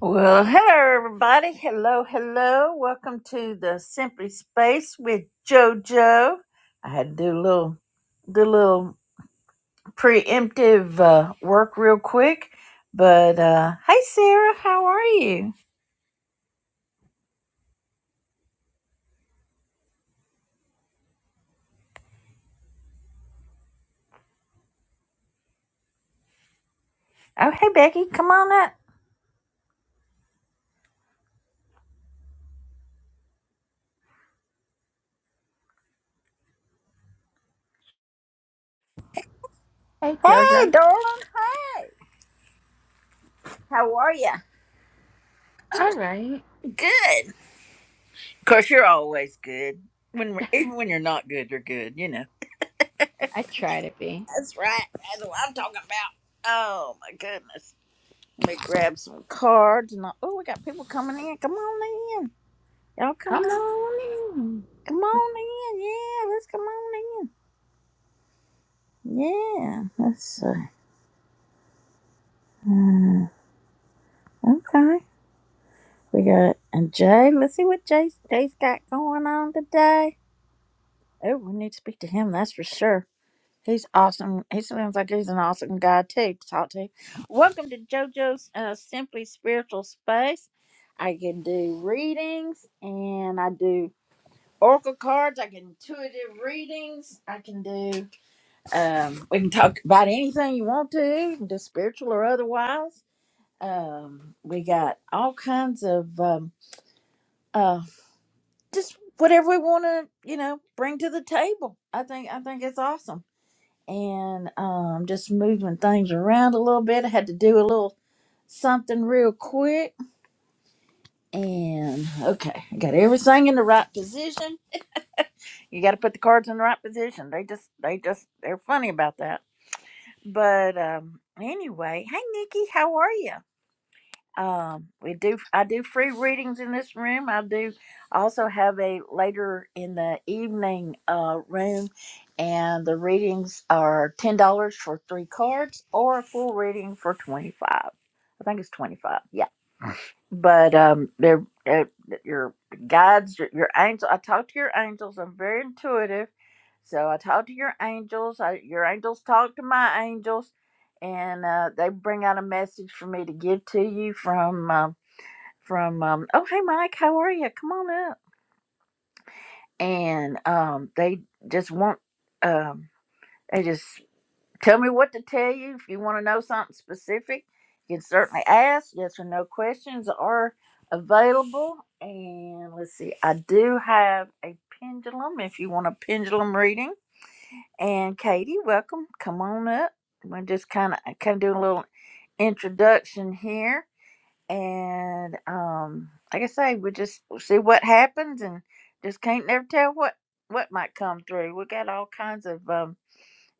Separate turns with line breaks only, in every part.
Well, hello, everybody. Hello, hello. Welcome to the Simply Space with JoJo. I had to do a little, do a little preemptive uh, work real quick. But uh, hey, Sarah, how are you? Oh, hey, Becky, come on up.
Hey,
Hey,
Jojo.
darling. Hey, how are you?
All right.
Good. Of course, you're always good. When we're- even when you're not good, you're good. You know.
I try to be.
That's right. That's what I'm talking about. Oh my goodness. Let me grab some cards and I, oh, we got people coming in. Come on in, y'all. Come
Come
on,
on in.
come on in. Yeah, let's come on in. Yeah, let's see. Uh, okay, we got and Jay. Let's see what Jay's Jay's got going on today. Oh, we need to speak to him. That's for sure. He's awesome. He sounds like he's an awesome guy too to talk to. Welcome to JoJo's uh, Simply Spiritual Space. I can do readings and I do oracle cards. I can intuitive readings. I can do. Um, we can talk about anything you want to, do spiritual or otherwise. Um, we got all kinds of um, uh, just whatever we want to, you know, bring to the table. I think I think it's awesome, and um, just moving things around a little bit. I had to do a little something real quick, and okay, I got everything in the right position you got to put the cards in the right position. They just, they just, they're funny about that. But um, anyway, hey Nikki, how are you? Um, we do, I do free readings in this room. I do also have a later in the evening uh, room, and the readings are ten dollars for three cards or a full reading for twenty five. I think it's 25 but um they're, uh your guides your, your angels i talk to your angels i'm very intuitive so i talk to your angels I, your angels talk to my angels and uh, they bring out a message for me to give to you from um, from um, oh hey mike how are you come on up and um, they just want um, they just Tell me what to tell you. If you want to know something specific, you can certainly ask. Yes or no questions are available. And let's see, I do have a pendulum if you want a pendulum reading. And Katie, welcome. Come on up. We're just kind of kind of doing a little introduction here. And um, like I say, we just we'll see what happens, and just can't never tell what what might come through. We got all kinds of um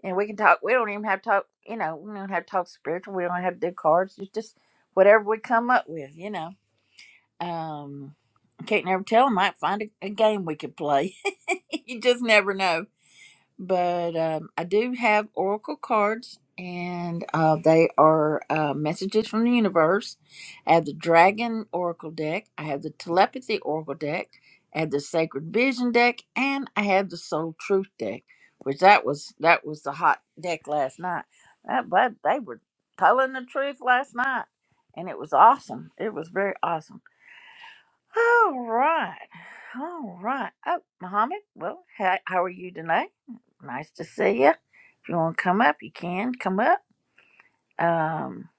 and we can talk. We don't even have to talk. You know, we don't have to talk spiritual. We don't have to do cards. It's just whatever we come up with. You know, um, can't never tell. I might find a, a game we could play. you just never know but um, I do have oracle cards, and uh, they are uh, messages from the universe. I have the dragon oracle deck, I have the telepathy oracle deck, I have the sacred vision deck, and I have the soul truth deck, which that was that was the hot deck last night. That but they were telling the truth last night, and it was awesome. It was very awesome. All right. All right. Oh, Mohammed, well, how, how are you tonight? Nice to see you. If you want to come up, you can come up. Um,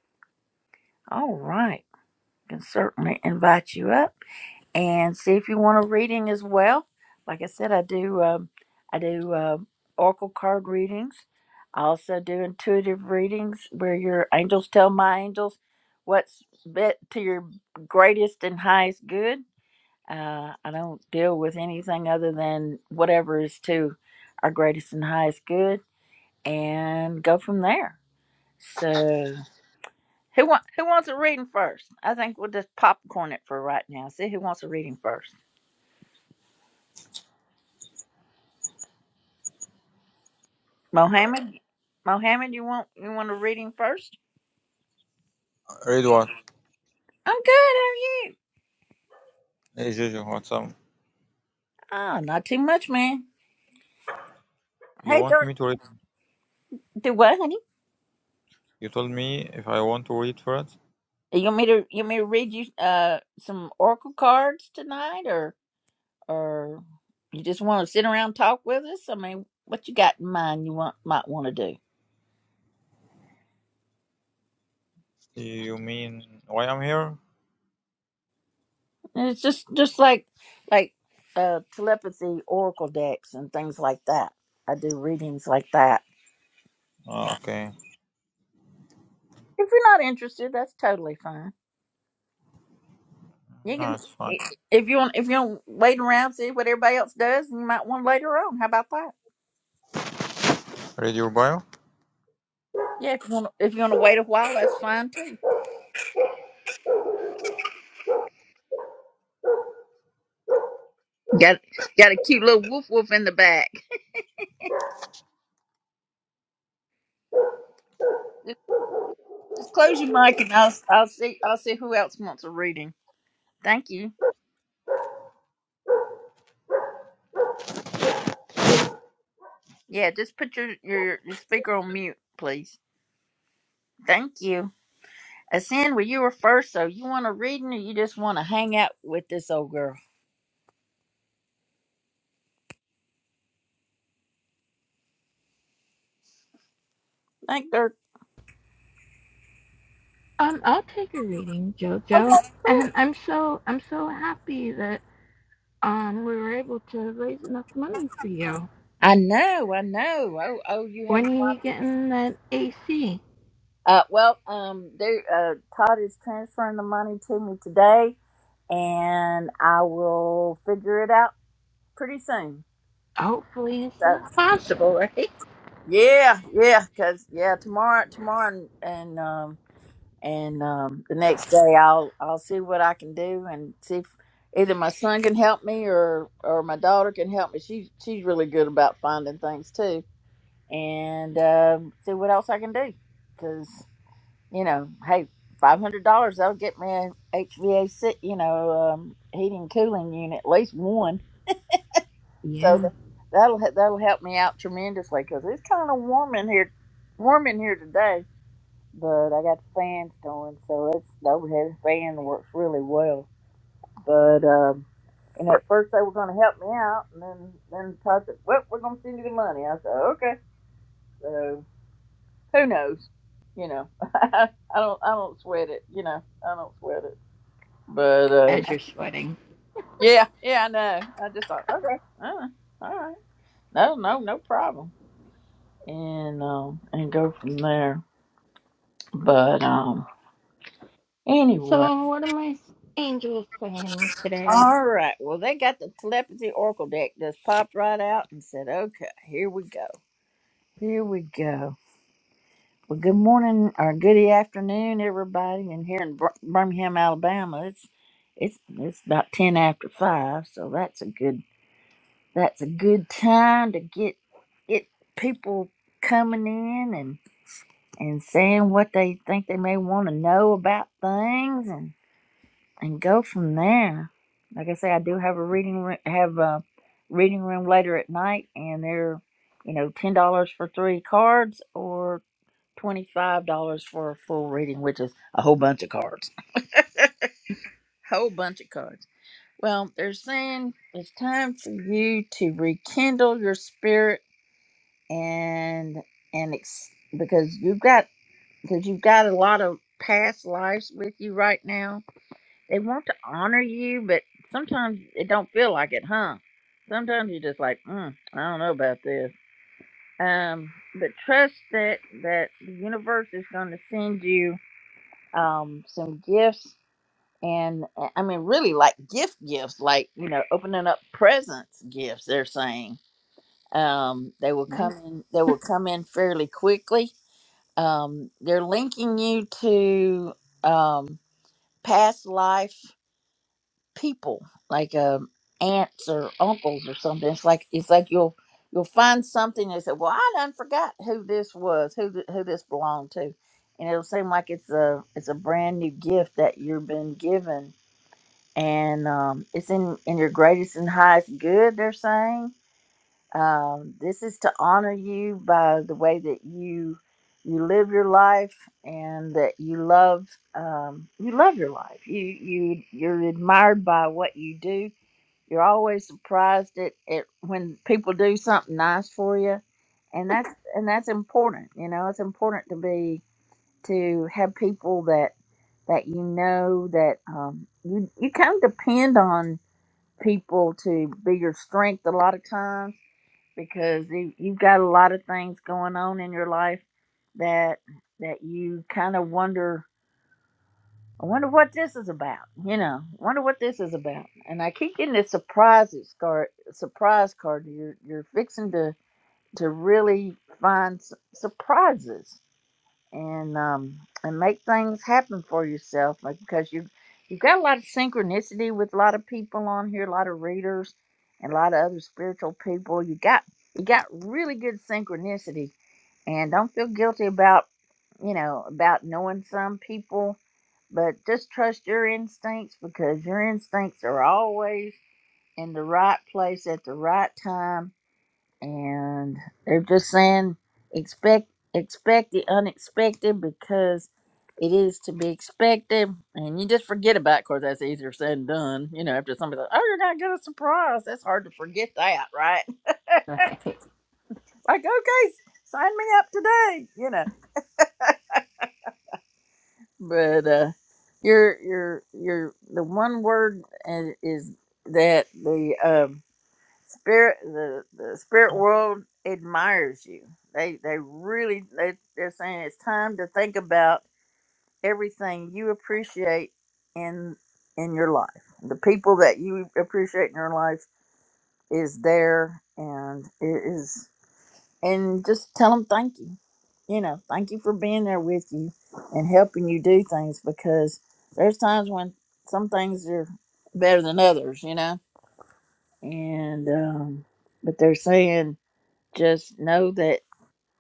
all right. Can certainly invite you up and see if you want a reading as well. Like I said, I do um, I do um oracle card readings. I also do intuitive readings where your angels tell my angels what's bit to your greatest and highest good uh, I don't deal with anything other than whatever is to our greatest and highest good, and go from there. So, who want who wants a reading first? I think we'll just popcorn it for right now. See who wants a reading first. Mohammed, Mohammed, you want you want a reading first?
Read what?
I'm good. How are you?
Hey Jojo, what's up?
Oh, not too much, man.
You
Hey,
want
George.
me to read?
Do what, honey?
You told me if I want to read first.
You want me to you want me to read you uh some oracle cards tonight, or? or you just want to sit around and talk with us? I mean, what you got in mind you want might want to do?
You mean why I'm here?
And it's just just like like uh, telepathy, oracle decks, and things like that. I do readings like that.
Ah, okay.
If you're not interested, that's totally fine. You
No,
can
it's fine.
if you want if you don't wait around see what everybody else does, and you might want later on. How about that?
Read your bio.
Yeah, if you want if you want to wait a while, that's fine too. Got got a cute little woof woof in the back. Just close your mic and I'll I'll see I'll see who else wants a reading. Thank you. Yeah, just put your, your, your speaker on mute, please. Thank you. Ascend, well, you were first, so you want a reading or you just want to hang out with this old girl? Thank her.
Um, I'll take a reading, Jojo.
Okay, cool.
And I'm so I'm so happy that um we were able to raise enough money for you.
I know, I know. Oh, oh, you have
When
no
are you
idea.
getting that AC?
Uh, well, um, there, uh, Todd is transferring the money to me today, and I will figure it out pretty soon.
Hopefully as
So,
soon as possible, right?
yeah, yeah, because, yeah, tomorrow, tomorrow and, and um. and um, the next day I'll I'll see what I can do and see if either my son can help me or or my daughter can help me. She she's really good about finding things too, and um, see what else I can do because you know, hey, five hundred dollars that'll get me a HVAC, you know, um, heating cooling unit, at least one. So
Yeah.
tha- that'll he- that'll help me out tremendously because it's kind of warm in here, warm in here today but I got fans going, so it's the overhead fan works really well. But um, and at first they were going to help me out, and then then Todd said, "Well, we're going to send you the money." I said, "Okay." So who knows? You know, I don't I don't sweat it. You know, I don't sweat it. But uh,
As you're sweating.
yeah, yeah, I know. I just thought, okay, uh, all right, no, no, no problem, and um, and go from there. But um, anyway.
So what are my angels saying today?
All right. Well, they got the telepathy oracle deck just popped right out and said, "Okay, here we go. Here we go." Well, good morning or good afternoon, everybody. And here in Bir- Birmingham, Alabama, it's it's it's about ten after five, so that's a good that's a good time to get get people coming in and and saying what they think they may want to know about things and go from there. Like I say, I do have a reading room, have a reading room later at night, and they're you know ten dollars for three cards or twenty five dollars for a full reading, which is a whole bunch of cards, whole bunch of cards. Well, they're saying it's time for you to rekindle your spirit and and ex- because you've got because you've got a lot of past lives with you right now they want to honor you, but sometimes it don't feel like it, huh? Sometimes you're just like, mm, I don't know about this. Um, but trust that that the universe is going to send you um some gifts, and uh, I mean, really like gift gifts, like you know, opening up presents gifts. They're saying um they will
Nice.
come in they will come in fairly quickly um they're linking you to um past life people, like um, aunts or uncles or something. It's like it's like you'll you'll find something and say, "Well, I done forgot who this was, who th- who this belonged to," and it'll seem like it's a it's a brand new gift that you've been given, and um, it's in in your greatest and highest good. They're saying um, this is to honor you by the way that you you live your life and that you love um, you love your life. You you you're admired by what you do. You're always surprised at, at when people do something nice for you, and that's and that's important. You know, it's important to be to have people that that you know that um, you you kind of depend on people to be your strength a lot of times because you, you've got a lot of things going on in your life that that you kind of wonder i wonder what this is about you know wonder what this is about and i keep getting this surprises card surprise card you're you're fixing to to really find s- surprises and um and make things happen for yourself like, because you you've got a lot of synchronicity with a lot of people on here a lot of readers and a lot of other spiritual people you got you got really good synchronicity and don't feel guilty about you know about knowing some people but just trust your instincts because your instincts are always in the right place at the right time and they're just saying expect expect the unexpected because it is to be expected, and you just forget about. It. Of course, that's easier said than done. You know, after somebody's like, "Oh, you're gonna get a surprise," that's hard to forget that, right?
Right.
Like, okay, sign me up today. You know, but uh, you're you're you're the one word is is that the um spirit the, the spirit world admires you they they really they, they're saying it's time to think about everything you appreciate in in your life the people that you appreciate in your life is there and it is and just tell them thank you you know thank you for being there with you and helping you do things because there's times when some things are better than others you know and um but they're saying just know that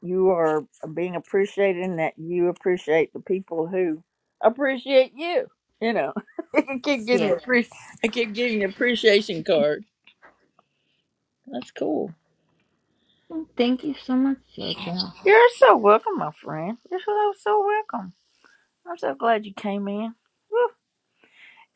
you are being appreciated and that you appreciate the people who appreciate you. You know, I keep getting
Yes.
appre- I keep getting appreciation card. That's cool.
Thank you so much, Jojo.
You're so welcome, my friend. You're so so welcome. I'm so glad you came in. Whew.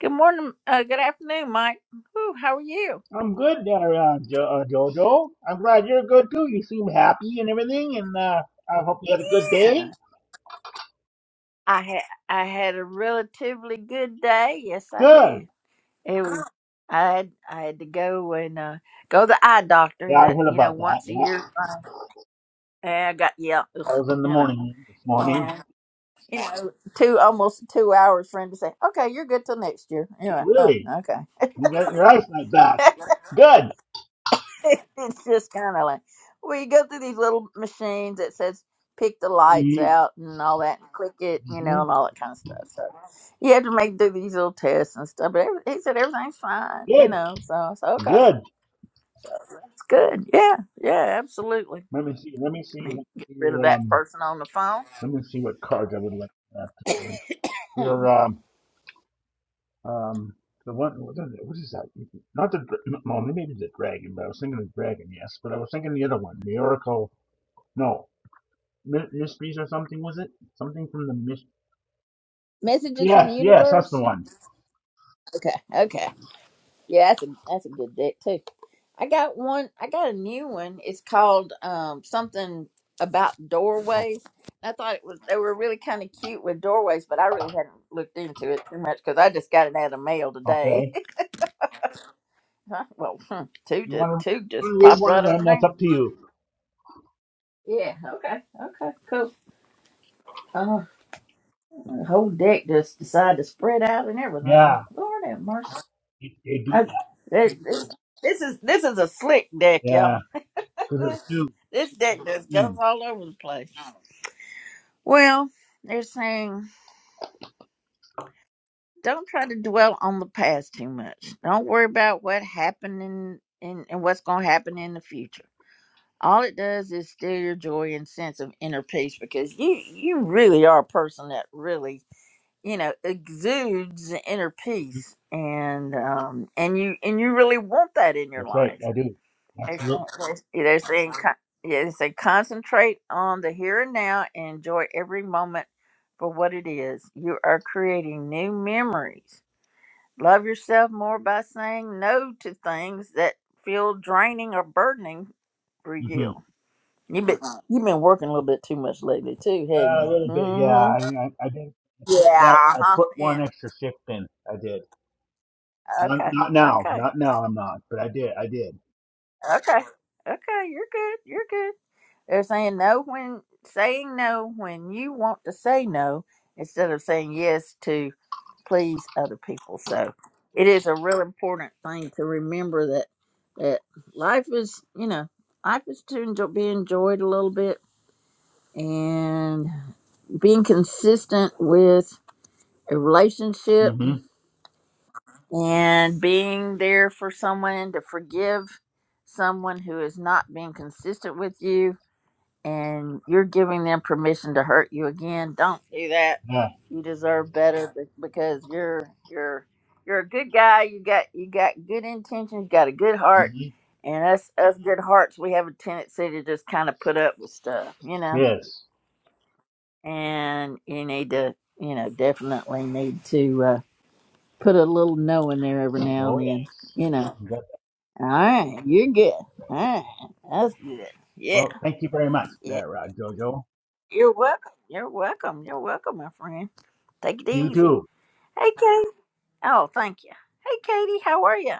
Good morning. Uh, good afternoon, Mike. Whew, how are you?
I'm good there, uh, jo- uh, Jojo. I'm glad you're good too. You seem happy and everything, and uh, I hope you had a good
Yeah,
day.
I had I had a relatively good day. Yes, I did.
Good.
It was I had I had to go and uh, go to the eye
Yeah,
doctor
I
that
heard
you know
about that.
once a
Yeah,
year. And I got yeah,
I was in the
you know,
morning this morning.
and, you know, two almost two hours for him to say, okay, you're good till next year. You
Okay,
know, uh,
really?
okay.
You got your eyesight back. Good.
it's just kind of like well, you go through these little machines that says pick the lights
Mm-hmm.
out and all that, and click it, you know, and all that kind of stuff. So you have to make do these little tests and stuff. But every, he said everything's fine, you
Good.
know. So I said okay.
Good.
So that's good. Yeah, yeah, absolutely.
Let me see. Let me see.
I
Let
mean,
me
get rid of
see,
that
um,
person on the phone.
let me see what cards I would like. to have today.
Hmm.
your um, Um, the one, what is that? Not the, dra- well, maybe the dragon, but I was thinking the dragon, yes. But I was thinking the other one, the Oracle. No, Mysteries or something, was it? Something from the Mysteries.
Messages from the
Yes, yes, that's the
universe.
one.
Okay, okay. Yeah, that's a that's a good deck too. I got one. I got a new one. It's called um something about doorways. I thought it was they were really kind of cute with doorways, but I really hadn't looked into it too much because I just got it out of mail today.
Okay.
Huh? well, hmm, two
You
to
want to
two
you
just
read
popped
one
right
of them,
on
that's
there.
up to you.
Yeah. Okay. Okay. Cool. The whole deck just decided to spread out and everything.
Yeah,
Lord have mercy.
they they do
I,
that.
this, this, this is this is a slick deck, y'all.
Yeah, because it's new.
This
'cause
deck
it's
just goes
new.
all over the place. Well, they're saying don't try to dwell on the past too much. Don't worry about what happened in, in and what's going to happen in the future. All it does is steal your joy and sense of inner peace because you you really are a person that really you know exudes inner
Mhm.
peace and um and you and you really want that in your
That's right,
life
I do.
they're saying,
Absolutely.
they're, they're saying con- yeah, they say concentrate on the here and now and enjoy every moment for what it is you are creating new memories love yourself more by saying no to things that feel draining or burdening for
hmm
you you've been you've been working a little bit too much lately too had
Uh, a
not
little
you
bit, yeah.
mm-hmm.
I, I, I did. I put
yeah
one, I
uh-huh.
put
yeah
one extra shift in. I did. Not,
okay
not now.
okay
Not now. I'm not. But I did. I did.
Okay. Okay, you're good. You're good. They're saying no when saying no when you want to say no instead of saying yes to please other people. So it is a real important thing to remember that that life is, you know, life is to enjoy, be enjoyed a little bit and being consistent with a relationship
hmm
and being there for someone to forgive someone who is not being consistent with you and you're giving them permission to hurt you again. Don't do that.
Yeah.
You deserve better be- because you're you're you're a good guy. You got you got good intentions. You got a good heart,
hmm
and us us good hearts, we have a tendency to just kind of put up with stuff, you know.
Yes.
And you need to you know definitely need to uh, put a little no in there every now
Oh
and then,
yes.
you know.
You got that.
All right, you're good. All right, that's good. Yeah,
Well, thank you very much,
yeah.
there, uh, Jojo.
You're welcome. You're welcome. You're welcome, my friend. Take it
You
easy.
too.
Hey, Katie. Oh, thank you. Hey, Katie, how are you?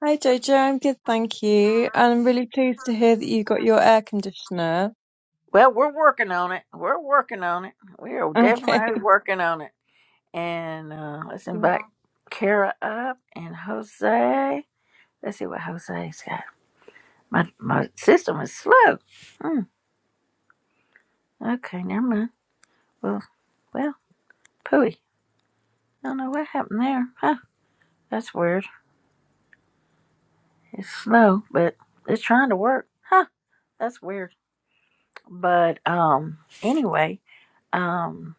Hi Jojo, I'm good, thank you. And I'm really pleased to hear that you got your air conditioner.
Well, we're working on it. We're working on it. We are
Okay.
definitely working on it. And uh, let's invite
Y-
Kara up and Jose. Let's see what Jose's got. My my system is slow. Hmm. Okay, never mind. Well, well, pooey. I don't know what happened there. Huh? That's weird. It's slow, but it's trying to work. Huh? That's weird. But um, anyway, um.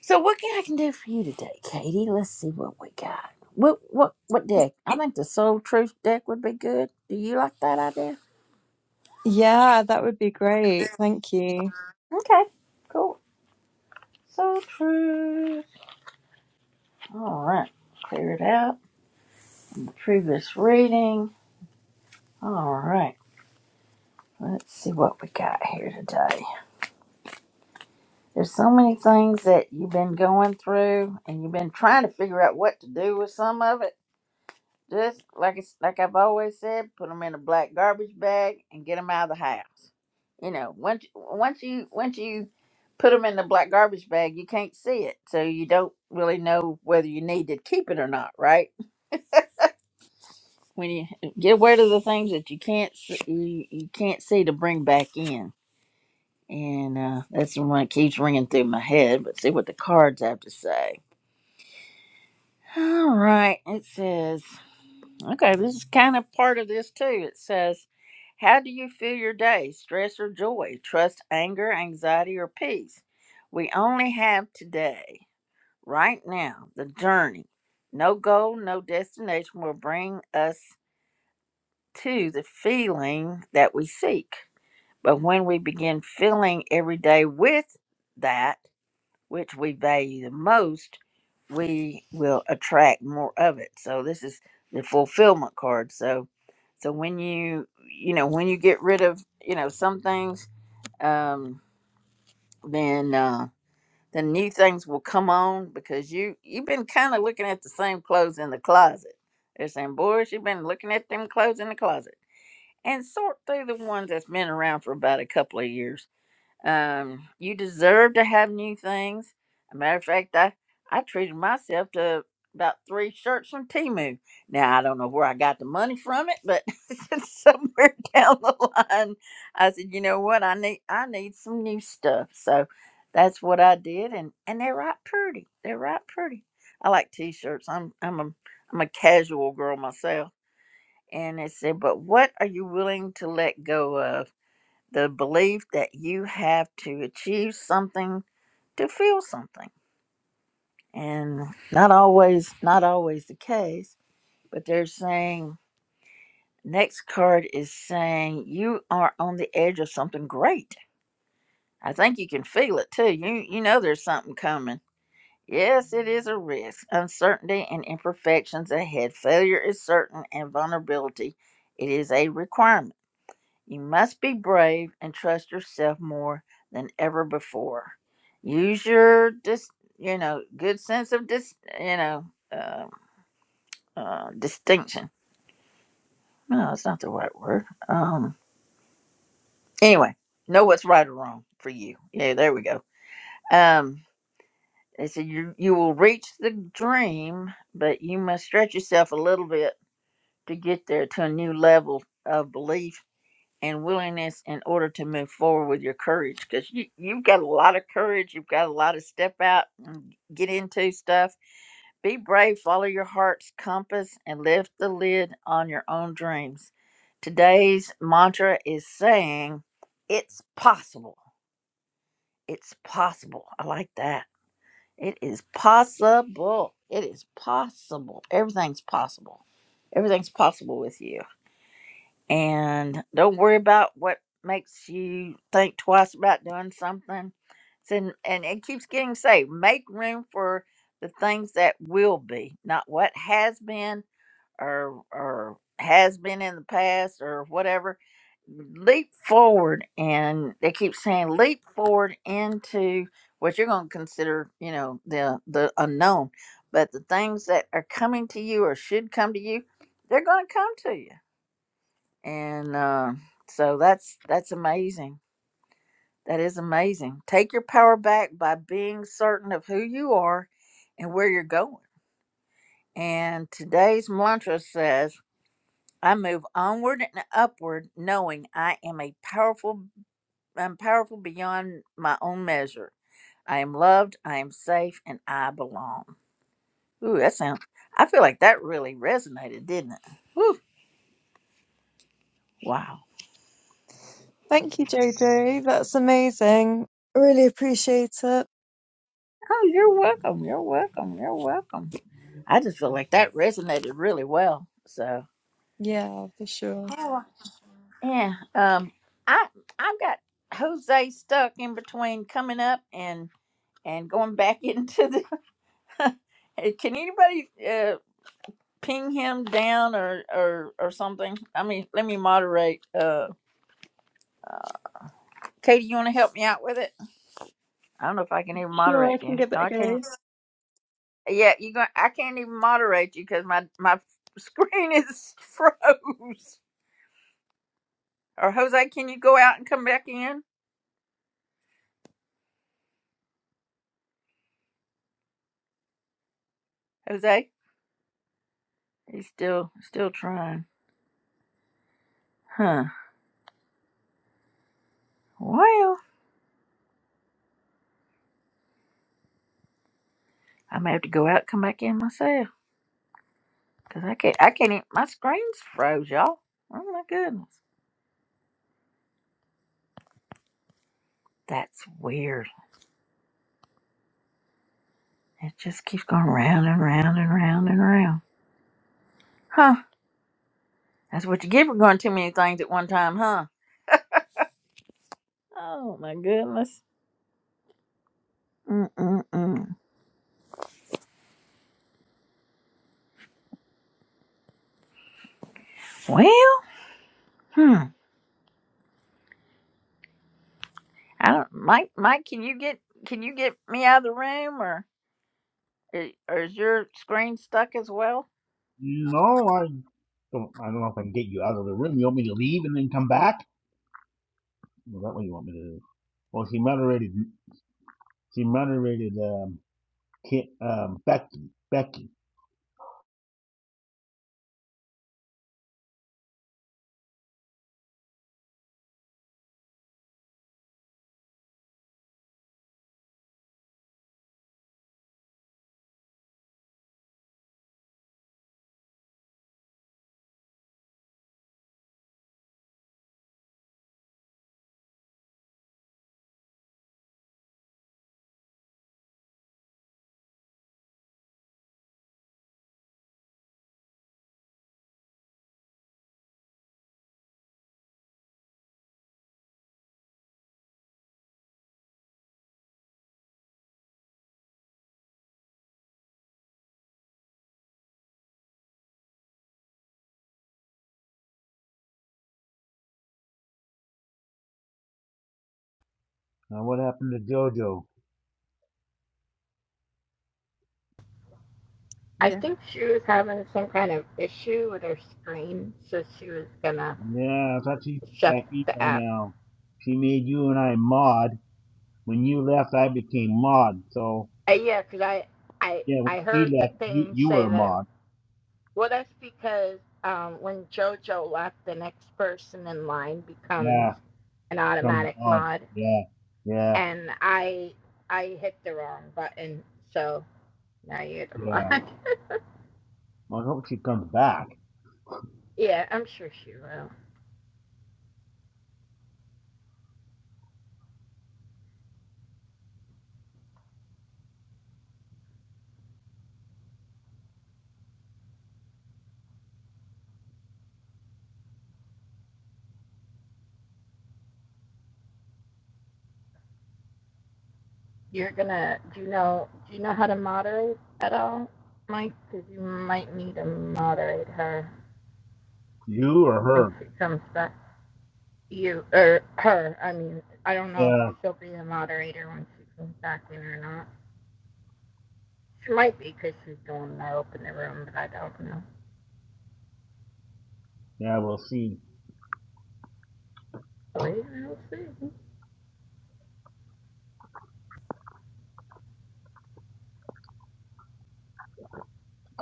So what can I can do for you today, Katie? Let's see what we got. What what what deck? I think the Soul Truth deck would be good. Do you like that idea?
Yeah, that would be great. Thank you.
Okay, cool. Soul Truth. All right, clear it out. Previous reading. All right, let's see what we got here today. There's so many things that you've been going through, and you've been trying to figure out what to do with some of it Just like it's like I've always said, put them in a black garbage bag and get them out of the house. You know, once once you once you put them in the black garbage bag, you can't see it, so you don't really know whether you need to keep it or not, right? When you get rid of the things that you can't see, you, you can't see to bring back in, and uh, that's the one that keeps ringing through my head. But see what the cards have to say. All right, it says. Okay, this is kind of part of this too. It says, How do you feel your day? Stress or joy? Trust, anger, anxiety, or peace? We only have today, right now, the journey. No goal, no destination will bring us to the feeling that we seek. But when we begin filling every day with that, which we value the most, we will attract more of it. So this is the fulfillment card. So so when you you know when you get rid of you know some things, um, then uh, the new things will come on because you you've been kind of looking at the same clothes in the closet. They're saying, boys, you've been looking at them clothes in the closet, and sort through the ones that's been around for about a couple of years um, you deserve to have new things. A matter of fact, I, I treated myself to about three shirts from Timu. Now I don't know where I got the money from it, but somewhere down the line, I said, you know what, I need I need some new stuff. So that's what I did, and and they're right pretty. They're right pretty. I like t-shirts. I'm I'm a I'm a casual girl myself. And it said, but what are you willing to let go of? the belief that you have to achieve something to feel something and not always not always the case but they're saying next card is saying you are on the edge of something great i think you can feel it too you you know there's something coming yes it is a risk uncertainty and imperfections ahead failure is certain and vulnerability it is a requirement You must be brave and trust yourself more than ever before. Use your dis, you know, good sense of dis, you know, uh, uh, distinction. No, that's not the right word. Um, anyway, know what's right or wrong for you. Yeah, there we go. Um, they said you you will reach the dream, but you must stretch yourself a little bit to get there to a new level of belief and willingness in order to move forward with your courage because you, you've got a lot of courage you've got a lot of step out and get into stuff be brave follow your heart's compass and lift the lid on your own dreams today's mantra is saying it's possible it's possible i like that it is possible it is possible everything's possible everything's possible with you and don't worry about what makes you think twice about doing something. It's in, and it keeps getting saved. Make room for the things that will be, not what has been or or has been in the past or whatever. Leap forward, and they keep saying leap forward into what you're going to consider, you know, the the unknown. But the things that are coming to you or should come to you, they're going to come to you and uh, so that's that's amazing that is amazing take your power back by being certain of who you are and where you're going and today's mantra says i move onward and upward knowing i am a powerful i'm powerful beyond my own measure i am loved i am safe and i belong ooh that sounds i feel like that really resonated didn't it wow
Thank you, Jojo. That's amazing. I Really appreciate it.
oh you're welcome you're welcome you're welcome I just feel like that resonated really well. So
Yeah, for sure.
Oh, yeah, um, I I've got Jose stuck in between coming up and and going back into the. Hey, Can anybody uh, ping him down or or or something? I mean, let me moderate. Uh, Katie, you want to help me out with it? I don't know if I can even
Sure, I
moderate
can
you.
give
No,
it a
I can't.
go.
Yeah, you going I can't even moderate you because my my screen is froze. Or Jose, can you go out and come back in? Jose? He's still still trying. Huh. Well, I may have to go out and come back in myself. Cause I can't I can't even my screen's froze, y'all. Oh my goodness. That's weird. It just keeps going round and round and round and round. Huh. That's what you get for going too many things at one time, huh? Oh my goodness. Mm mm mm. Well, hmm. I don't Mike Mike, can you get can you get me out of the room or eh, or is your screen stuck as well?
No, I don't. I don't know if I can get you out of the room. You want me to leave and then come back? Well, that what you want me to do? Well, she moderated. She moderated um, Ki um, Becky. Becky. Now, what happened to JoJo?
I
Yeah.
think she was having some kind of issue with her screen, so she was gonna
Yeah, I thought she'd be
shut
back in
the
by
app.
now. She made you and I mod. When you left, I became mod. So
Uh, yeah, cause I, I,
yeah, when
I heard
she
the
left, you
thing
you were
say
a
that. It,
mod.
well, that's because um, when JoJo left, the next person in line becomes
Yeah,
an
come
automatic
mod.
mod,
Yeah, yeah,
and I, I hit the wrong button, so now you're the
yeah.
mod.
Well, I hope she comes back.
yeah, I'm sure she will. You're gonna. Do you know? Do you know how to moderate at all, Mike? Because you might need to moderate her
You or
when
her?
she comes back. You or her? I mean, I don't know if
Yeah,
she'll be a moderator when she comes back in or not. She might be because she's the one that opened the room, but I don't know.
yeah. We'll see.
So we will see.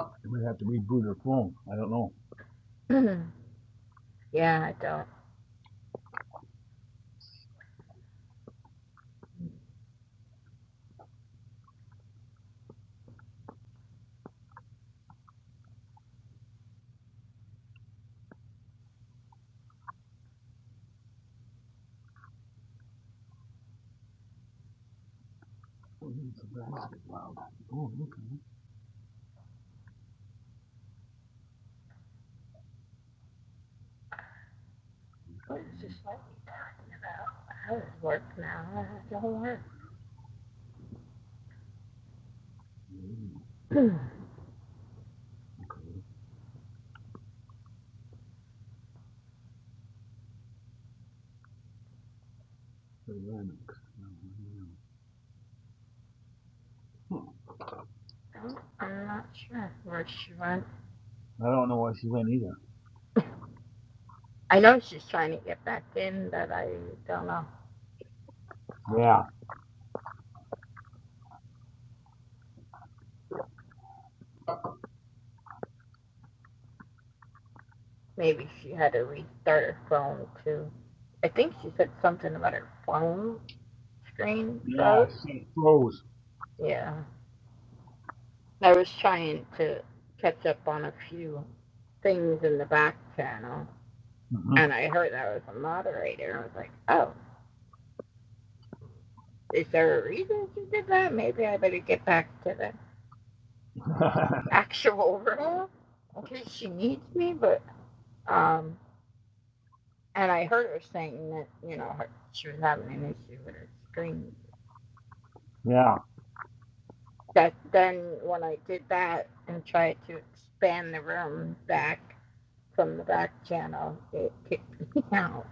I might have to reboot her phone. I don't know.
yeah, I don't.
Wow. Oh, look. I
What is this lady talking about? How does work now? How does it all work?
like Oh, wow.
I'm not sure where she went.
don't know why she went either.
I know she's trying to get back in, but I don't know.
Yeah.
Maybe she had to restart her phone too. I think she said something about her phone screen
Yeah.
froze.
She said it froze.
Yeah. I was trying to catch up on a few things in the back channel,
hmm
and I heard I was a moderator. I was like, oh, is there a reason she did that? Maybe I better get back to the actual room in case she needs me, but um, and I heard her saying that you know her, she was having an issue with her screen.
yeah.
That then when I did that and tried to expand the room back from the back channel, it kicked me out.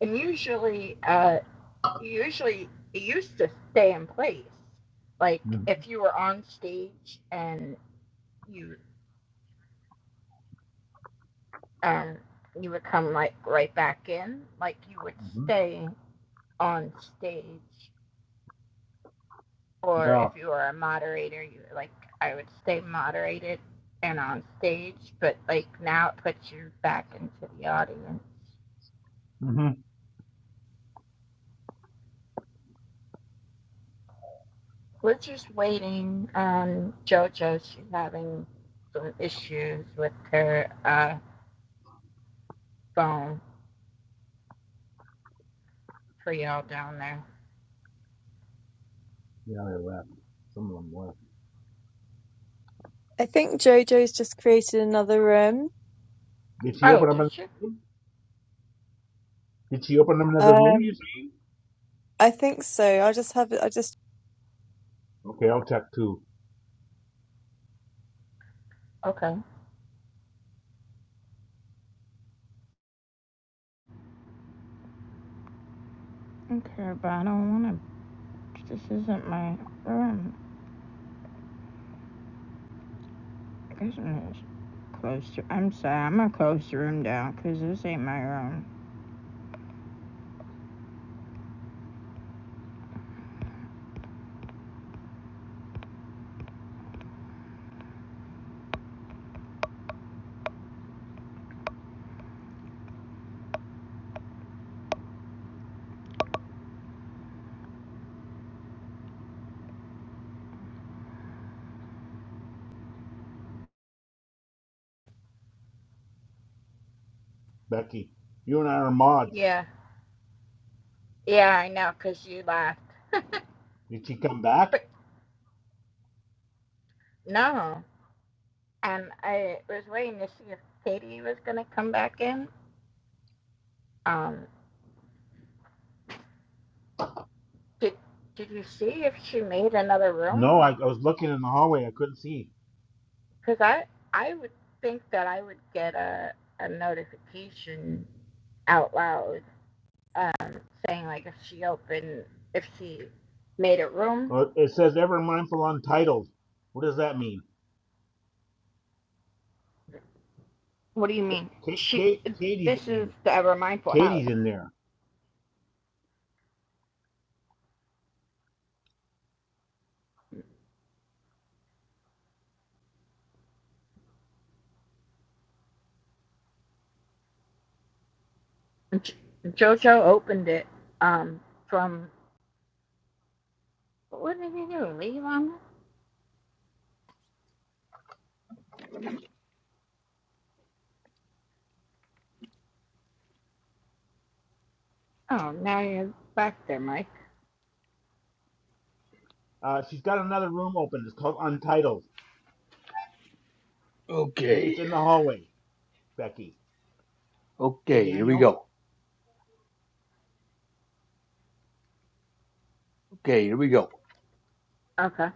And usually, uh, usually it used to stay in place. Like
hmm
if you were on stage and you um you would come like right back in, like you would stay on stage or
Yeah.
if you were a moderator, you like I would stay moderated and on stage, but like now it puts you back into the audience.
hmm
We're just waiting on JoJo. She's having some issues with her uh, phone for y'all down there.
Yeah, they left. Some of them left.
I think Jojo's just created another room.
Did she
Oh,
open up?
did she?
A- Did she open up another room,
Um,
you see?
I think so. I'll just have it. I just.
Okay, I'll check too.
Okay. Okay, but I don't want to. This isn't my room. This one is closed. I'm sorry, I'm gonna close the room down because this ain't my room.
Becky, you and I are mods.
Yeah. Yeah, I know, 'cause you laughed.
Did she come back?
But no, and I was waiting to see if Katie was gonna come back in. Um, did did you see if she made another room?
No, I,
Like,
I was looking in the hallway. I couldn't see.
'cause I I would think that I would get a a notification out loud, um, saying like if she opened if she made a room.
Uh, it says ever mindful untitled. What does that mean?
What do you mean?
Kate,
She
Kate, Katie's
this
in
is
there.
the Ever Mindful House.
Katie's in there.
Jo- Jojo opened it um from What did you do? Leave on? Oh, now you're back there, Mike.
Uh, she's got another room open. It's called Untitled. Hey,
Okay.
it's in the hallway, Becky. Okay,
Okay, here we
Daniel.
go. Okay, here we go.
Okay.